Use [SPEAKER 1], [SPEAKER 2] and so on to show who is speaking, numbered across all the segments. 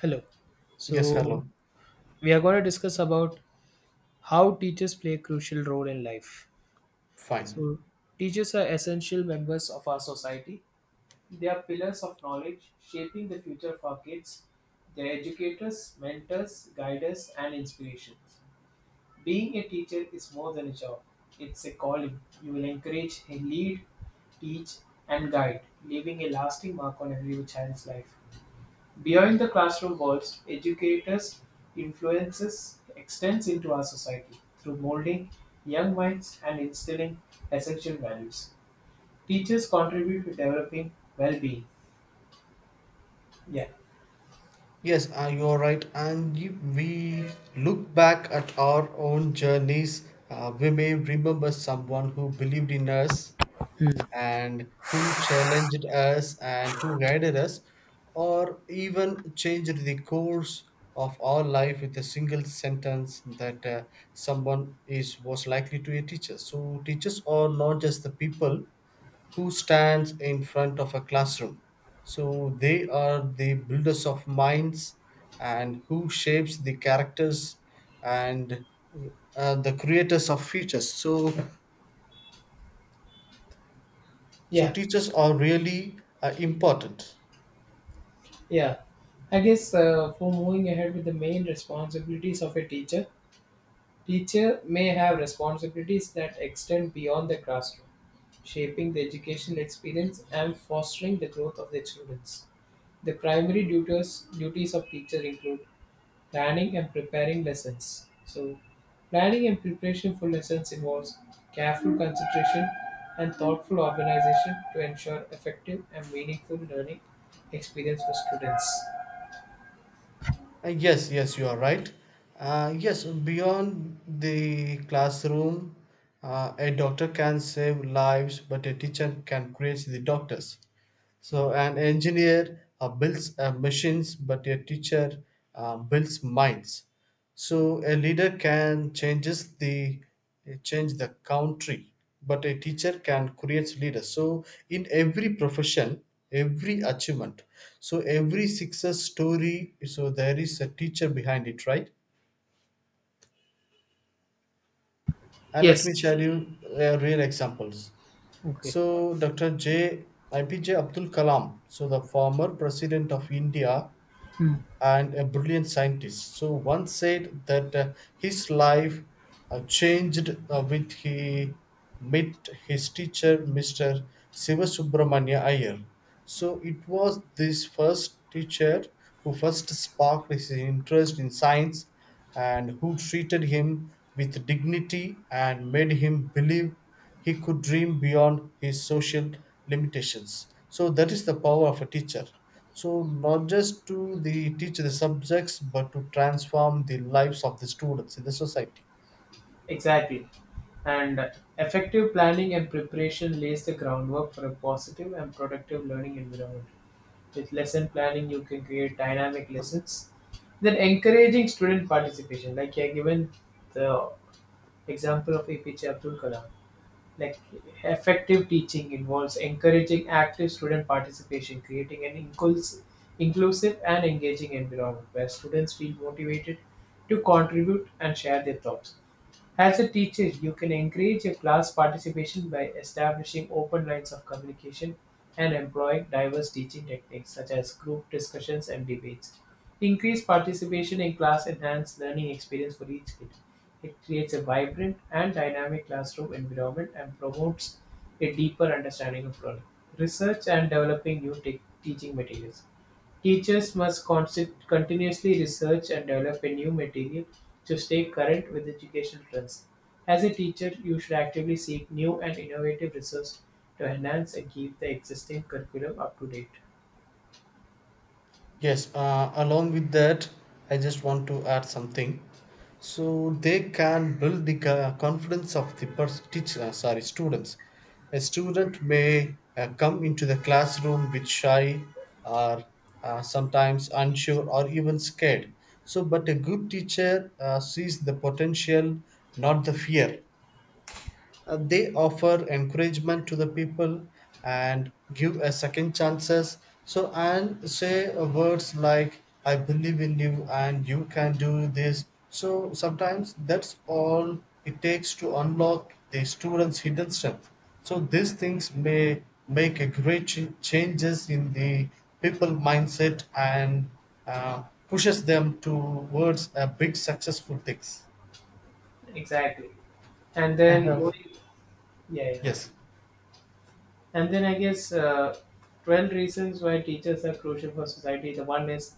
[SPEAKER 1] Hello.
[SPEAKER 2] Yes,
[SPEAKER 1] So
[SPEAKER 2] hello.
[SPEAKER 1] we are going to discuss about how teachers play a crucial role in life.
[SPEAKER 2] Fine.
[SPEAKER 1] So teachers are essential members of our society. They are pillars of knowledge, shaping the future of our kids. They're educators, mentors, guiders, and inspirations. Being a teacher is more than a job. It's a calling. You will encourage, lead, teach, and guide, leaving a lasting mark on every child's life. Beyond the classroom walls, educators' influences extends into our society through molding young minds and instilling essential values. Teachers contribute to developing well-being. Yeah,
[SPEAKER 2] Yes, you're right. And if we look back at our own journeys, we may remember someone who believed in us and who challenged us and who guided us, or even changed the course of our life with a single sentence that someone is was likely to a teacher. So teachers are not just the people who stands in front of a classroom. So they are the builders of minds and who shapes the characters and the creators of futures. So
[SPEAKER 1] yeah,
[SPEAKER 2] teachers are really important.
[SPEAKER 1] yeah. I guess for moving ahead with the main responsibilities of a teacher, teacher may have responsibilities that extend beyond the classroom, shaping the educational experience and fostering the growth of their students. The primary duties of teacher include planning and preparing lessons. So, planning and preparation for lessons involves careful consideration and thoughtful organization to ensure effective and meaningful learning experience for students.
[SPEAKER 2] Yes, yes, you are right. Yes, beyond the classroom, a doctor can save lives, but a teacher can create the doctors. So an engineer builds machines, but a teacher builds minds. So a leader can change the country, but a teacher can create leaders. So in every profession, every achievement, so every success story, so there is a teacher behind it, right? And let me
[SPEAKER 1] Yes.
[SPEAKER 2] share you real examples.
[SPEAKER 1] Okay.
[SPEAKER 2] So Dr. IPJ Abdul Kalam, so the former president of India, and a brilliant scientist. So once said that his life changed with he met his teacher, Mr. Siva Subramanya Iyer. So it was this first teacher who first sparked his interest in science and who treated him with dignity and made him believe he could dream beyond his social limitations, so that is the power of a teacher, so not just to the teach the subjects but to transform the lives of the students in the society.
[SPEAKER 1] Exactly. And effective planning and preparation lays the groundwork for a positive and productive learning environment. With lesson planning, you can create dynamic lessons. Then encouraging student participation, like you're given the example of APJ Abdul Kalam. Like effective teaching involves encouraging active student participation, creating an inclusive and engaging environment where students feel motivated to contribute and share their thoughts. As a teacher, you can encourage your class participation by establishing open lines of communication and employing diverse teaching techniques such as group discussions and debates. Increased participation in class enhances learning experience for each kid. It creates a vibrant and dynamic classroom environment and promotes a deeper understanding of learning. Research and developing new teaching materials. Teachers must constant continuously research and develop a new material to stay current with education trends. As a teacher, you should actively seek new and innovative resources to enhance and keep the existing curriculum up to date.
[SPEAKER 2] Yes, along with that, I just want to add something. So they can build the confidence of the teacher, sorry, students. A student may come into the classroom with shy or sometimes unsure or even scared. So, but a good teacher sees the potential, not the fear. They offer encouragement to the people and give a second chances, so and say words like I believe in you and you can do this. So sometimes that's all it takes to unlock the student's hidden strength, so these things may make a great changes in the people mindset and pushes them towards a big successful things
[SPEAKER 1] Exactly. And
[SPEAKER 2] and
[SPEAKER 1] then going, yeah, yeah.
[SPEAKER 2] yes
[SPEAKER 1] And then I guess 12 reasons why teachers are crucial for society. The one is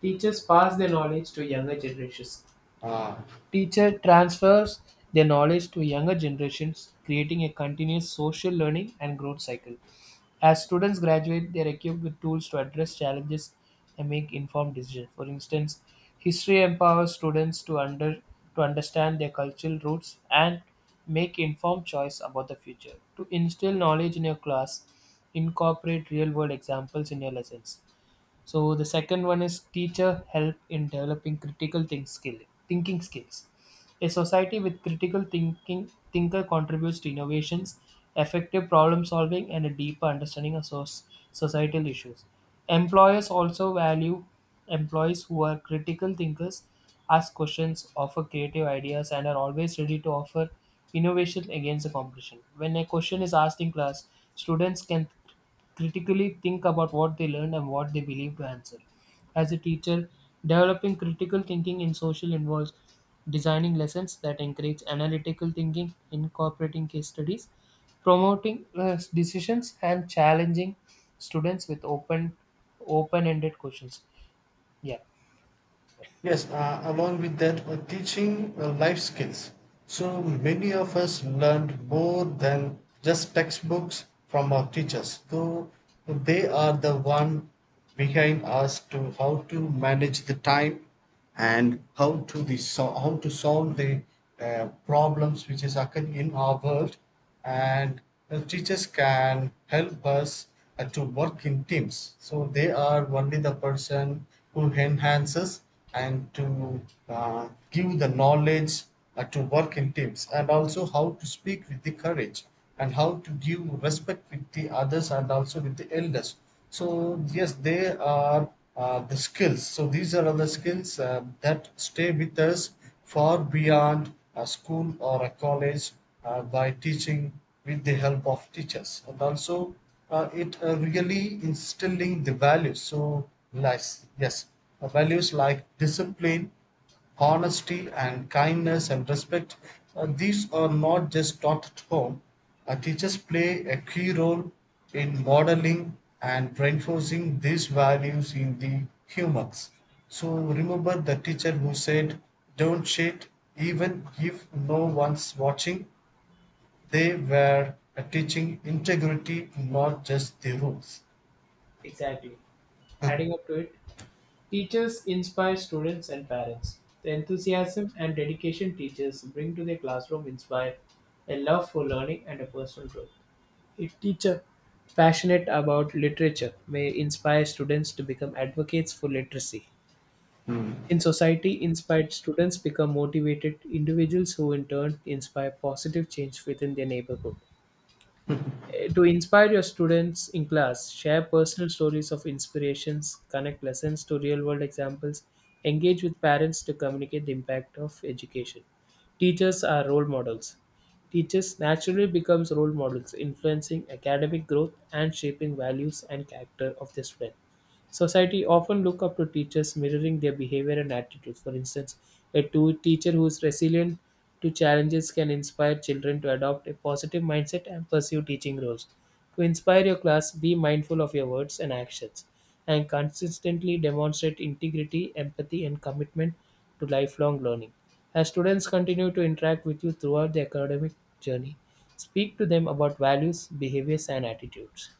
[SPEAKER 1] teachers pass their knowledge to younger generations.
[SPEAKER 2] uh,
[SPEAKER 1] Teacher transfers their knowledge to younger generations, creating a continuous social learning and growth cycle. As students graduate, they are equipped with tools to address challenges and make informed decisions. For instance, history empowers students to under to understand their cultural roots and make informed choice about the future. To instill knowledge in your class, incorporate real-world examples in your lessons. So the second one is teacher help in developing thinking skills. A society with critical thinking thinker contributes to innovations, effective problem solving, and a deeper understanding of societal issues. Employers also value employees who are critical thinkers, ask questions, offer creative ideas, and are always ready to offer innovation against the competition. When a question is asked in class, students can critically think about what they learned and what they believe to answer. As a teacher, developing critical thinking in social involves designing lessons that encourage analytical thinking, incorporating case studies, promoting decisions, and challenging students with open-ended questions. Yeah,
[SPEAKER 2] Yes, along with that, teaching life skills. So many of us learned more than just textbooks from our teachers, though they are the one behind us to how to manage the time and how to how to solve the problems which is occurring in our world, and the teachers can help us to work in teams, so they are only the person who enhances and to give the knowledge to work in teams and also how to speak with the courage and how to give respect with the others and also with the elders. So yes, they are the skills, so these are all the skills that stay with us far beyond a school or a college by teaching with the help of teachers, and also it really instilling the values, so nice. Yes, values like discipline, honesty and kindness and respect, these are not just taught at home. Teachers play a key role in modeling and reinforcing these values in the humans. So remember the teacher who said, don't cheat even if no one's watching. They were teaching integrity, not just the rules.
[SPEAKER 1] exactly. Adding up to it, teachers inspire students and parents. The enthusiasm and dedication teachers bring to their classroom inspire a love for learning and a personal growth. A teacher passionate about literature may inspire students to become advocates for literacy. In society, inspired students become motivated individuals who in turn inspire positive change within their neighborhood. To inspire your students in class, share personal stories of inspirations, connect lessons to real world examples, engage with parents to communicate the impact of education. Teachers are role models. Teachers naturally becomes role models, influencing academic growth and shaping values and character of the student. Society often look up to teachers, mirroring their behavior and attitudes. For instance, a teacher who is resilient to challenges can inspire children to adopt a positive mindset and pursue teaching roles. To inspire your class, be mindful of your words and actions and consistently demonstrate integrity, empathy, and commitment to lifelong learning. As students continue to interact with you throughout their academic journey, speak to them about values, behaviors, and attitudes.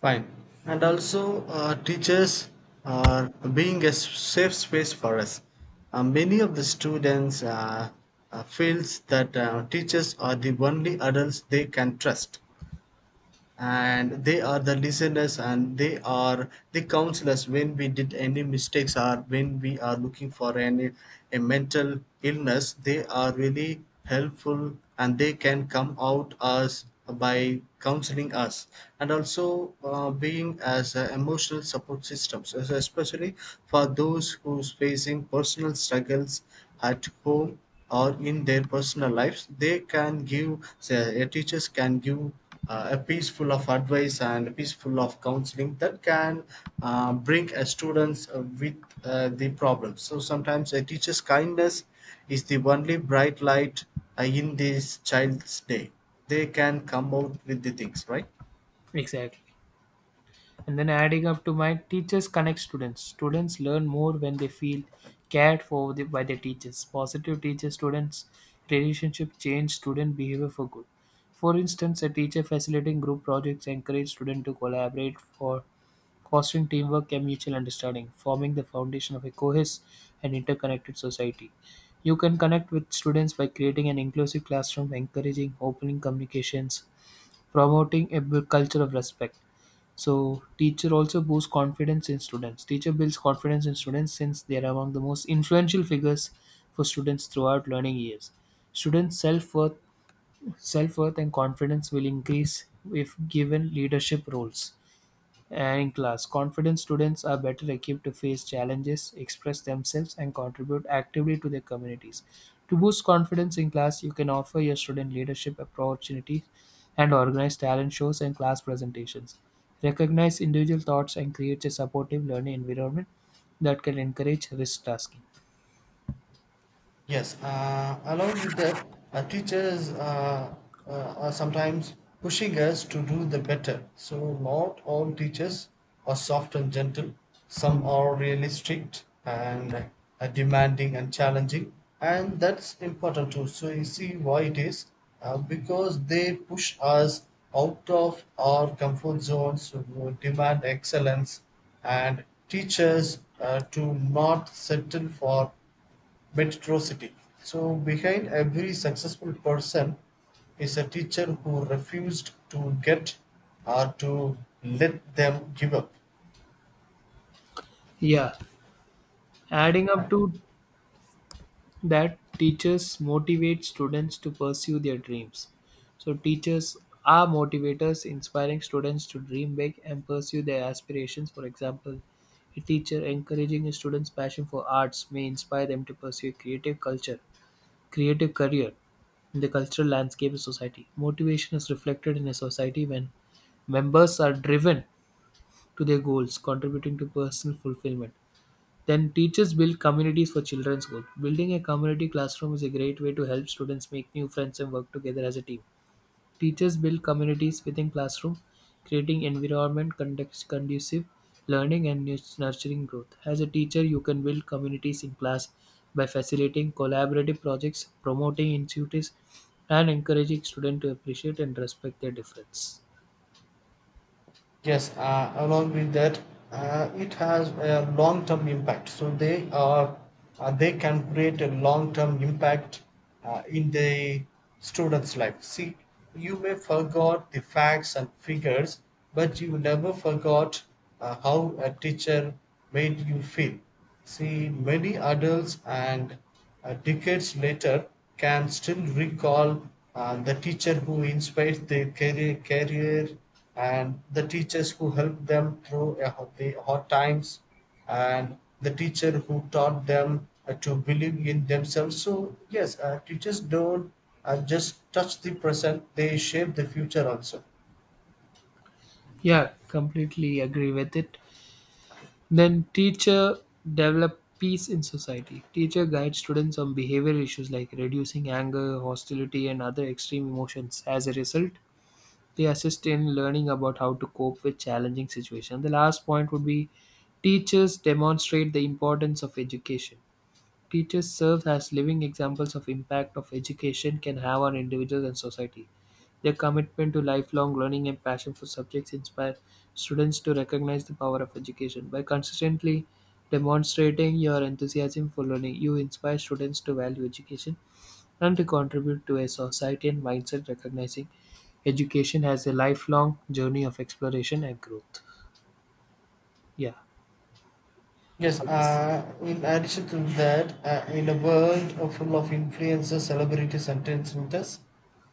[SPEAKER 2] Fine. And also teachers are being a safe space for us. Many of the students feels that teachers are the only adults they can trust, and they are the listeners and they are the counselors when we did any mistakes or when we are looking for any a mental illness. They are really helpful and they can come out as by counseling us, and also being as a emotional support systems as especially for those who's facing personal struggles at home or in their personal lives. They can give say, a teachers can give a piece full of advice and a piece full of counseling that can bring a students with the problem. So sometimes a teacher's kindness is the only bright light in this child's day. They can come out with the things, right?
[SPEAKER 1] Exactly. And then, adding up to my teachers connect students, students learn more when they feel cared for by their teachers. Positive teacher students relationship change student behavior for good. For instance, a teacher facilitating group projects encourage students to collaborate for fostering teamwork and mutual understanding, forming the foundation of a cohesive and interconnected society. You can connect with students by creating an inclusive classroom, encouraging open communications, promoting a culture of respect. So teacher also boosts confidence in students. Teacher builds confidence in students, since they are among the most influential figures for students throughout learning years. Students' self worth, Self worth and confidence will increase if given leadership roles. And in class, confident students are better equipped to face challenges, express themselves, and contribute actively to their communities. To boost confidence in class, you can offer your student leadership opportunities and organize talent shows and class presentations. Recognize individual thoughts and create a supportive learning environment that can encourage risk tasking.
[SPEAKER 2] Yes, along with that, teachers uh, are sometimes pushing us to do the better. So, not all teachers are soft and gentle. Some
[SPEAKER 1] Hmm.
[SPEAKER 2] are really strict and demanding and challenging, and that's important too. So, you see why it is, because they push us out of our comfort zones, demand excellence, and teachers to not settle for metrocity. So behind every successful person is a teacher who refused to get or to let them give up.
[SPEAKER 1] Yeah, adding up to that, teachers motivate students to pursue their dreams. So, teachers are motivators, inspiring students to dream big and pursue their aspirations. For example, a teacher encouraging a student's passion for arts may inspire them to pursue a creative career in the cultural landscape of society. Motivation is reflected in a society when members are driven to their goals, contributing to personal fulfillment. Then teachers build communities for children's good. Building a community classroom is a great way to help students make new friends and work together as a team. Teachers build communities within classroom, creating environment conducive learning and nurturing growth. As a teacher, you can build communities in class by facilitating collaborative projects, promoting initiatives, and encouraging students to appreciate and respect their difference.
[SPEAKER 2] Yes, along with that, it has a long-term impact. They can create a long-term impact in the student's life. See, you may forgot the facts and figures, but you never forgot how a teacher made you feel. See, many adults and decades later can still recall the teacher who inspired their career and the teachers who helped them through a the hard times and the teacher who taught them to believe in themselves. So, yes, teachers don't just touch the present, they shape the future also.
[SPEAKER 1] Yeah, completely agree with it. Then teacher develop peace in society. Teacher guide students on behavioral issues like reducing anger, hostility, and other extreme emotions. As a result, they assist in learning about how to cope with challenging situations. The last point would be teachers demonstrate the importance of education. Teachers serve as living examples of impact of education can have on individuals and society. Their commitment to lifelong learning and passion for subjects inspire students to recognize the power of education. By consistently demonstrating your enthusiasm for learning, you inspire students to value education and to contribute to a society and mindset recognizing education as a lifelong journey of exploration and growth. Yeah,
[SPEAKER 2] Yes,
[SPEAKER 1] I guess
[SPEAKER 2] in addition to that, in a world full of influencers, celebrities, and trendsetters,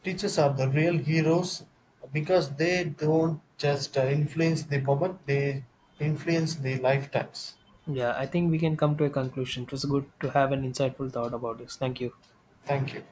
[SPEAKER 2] teachers are the real heroes because they don't just influence the moment, they influence the lifetimes.
[SPEAKER 1] Yeah, I think we can come to a conclusion. It was good to have an insightful thought about this. Thank you.
[SPEAKER 2] Thank you.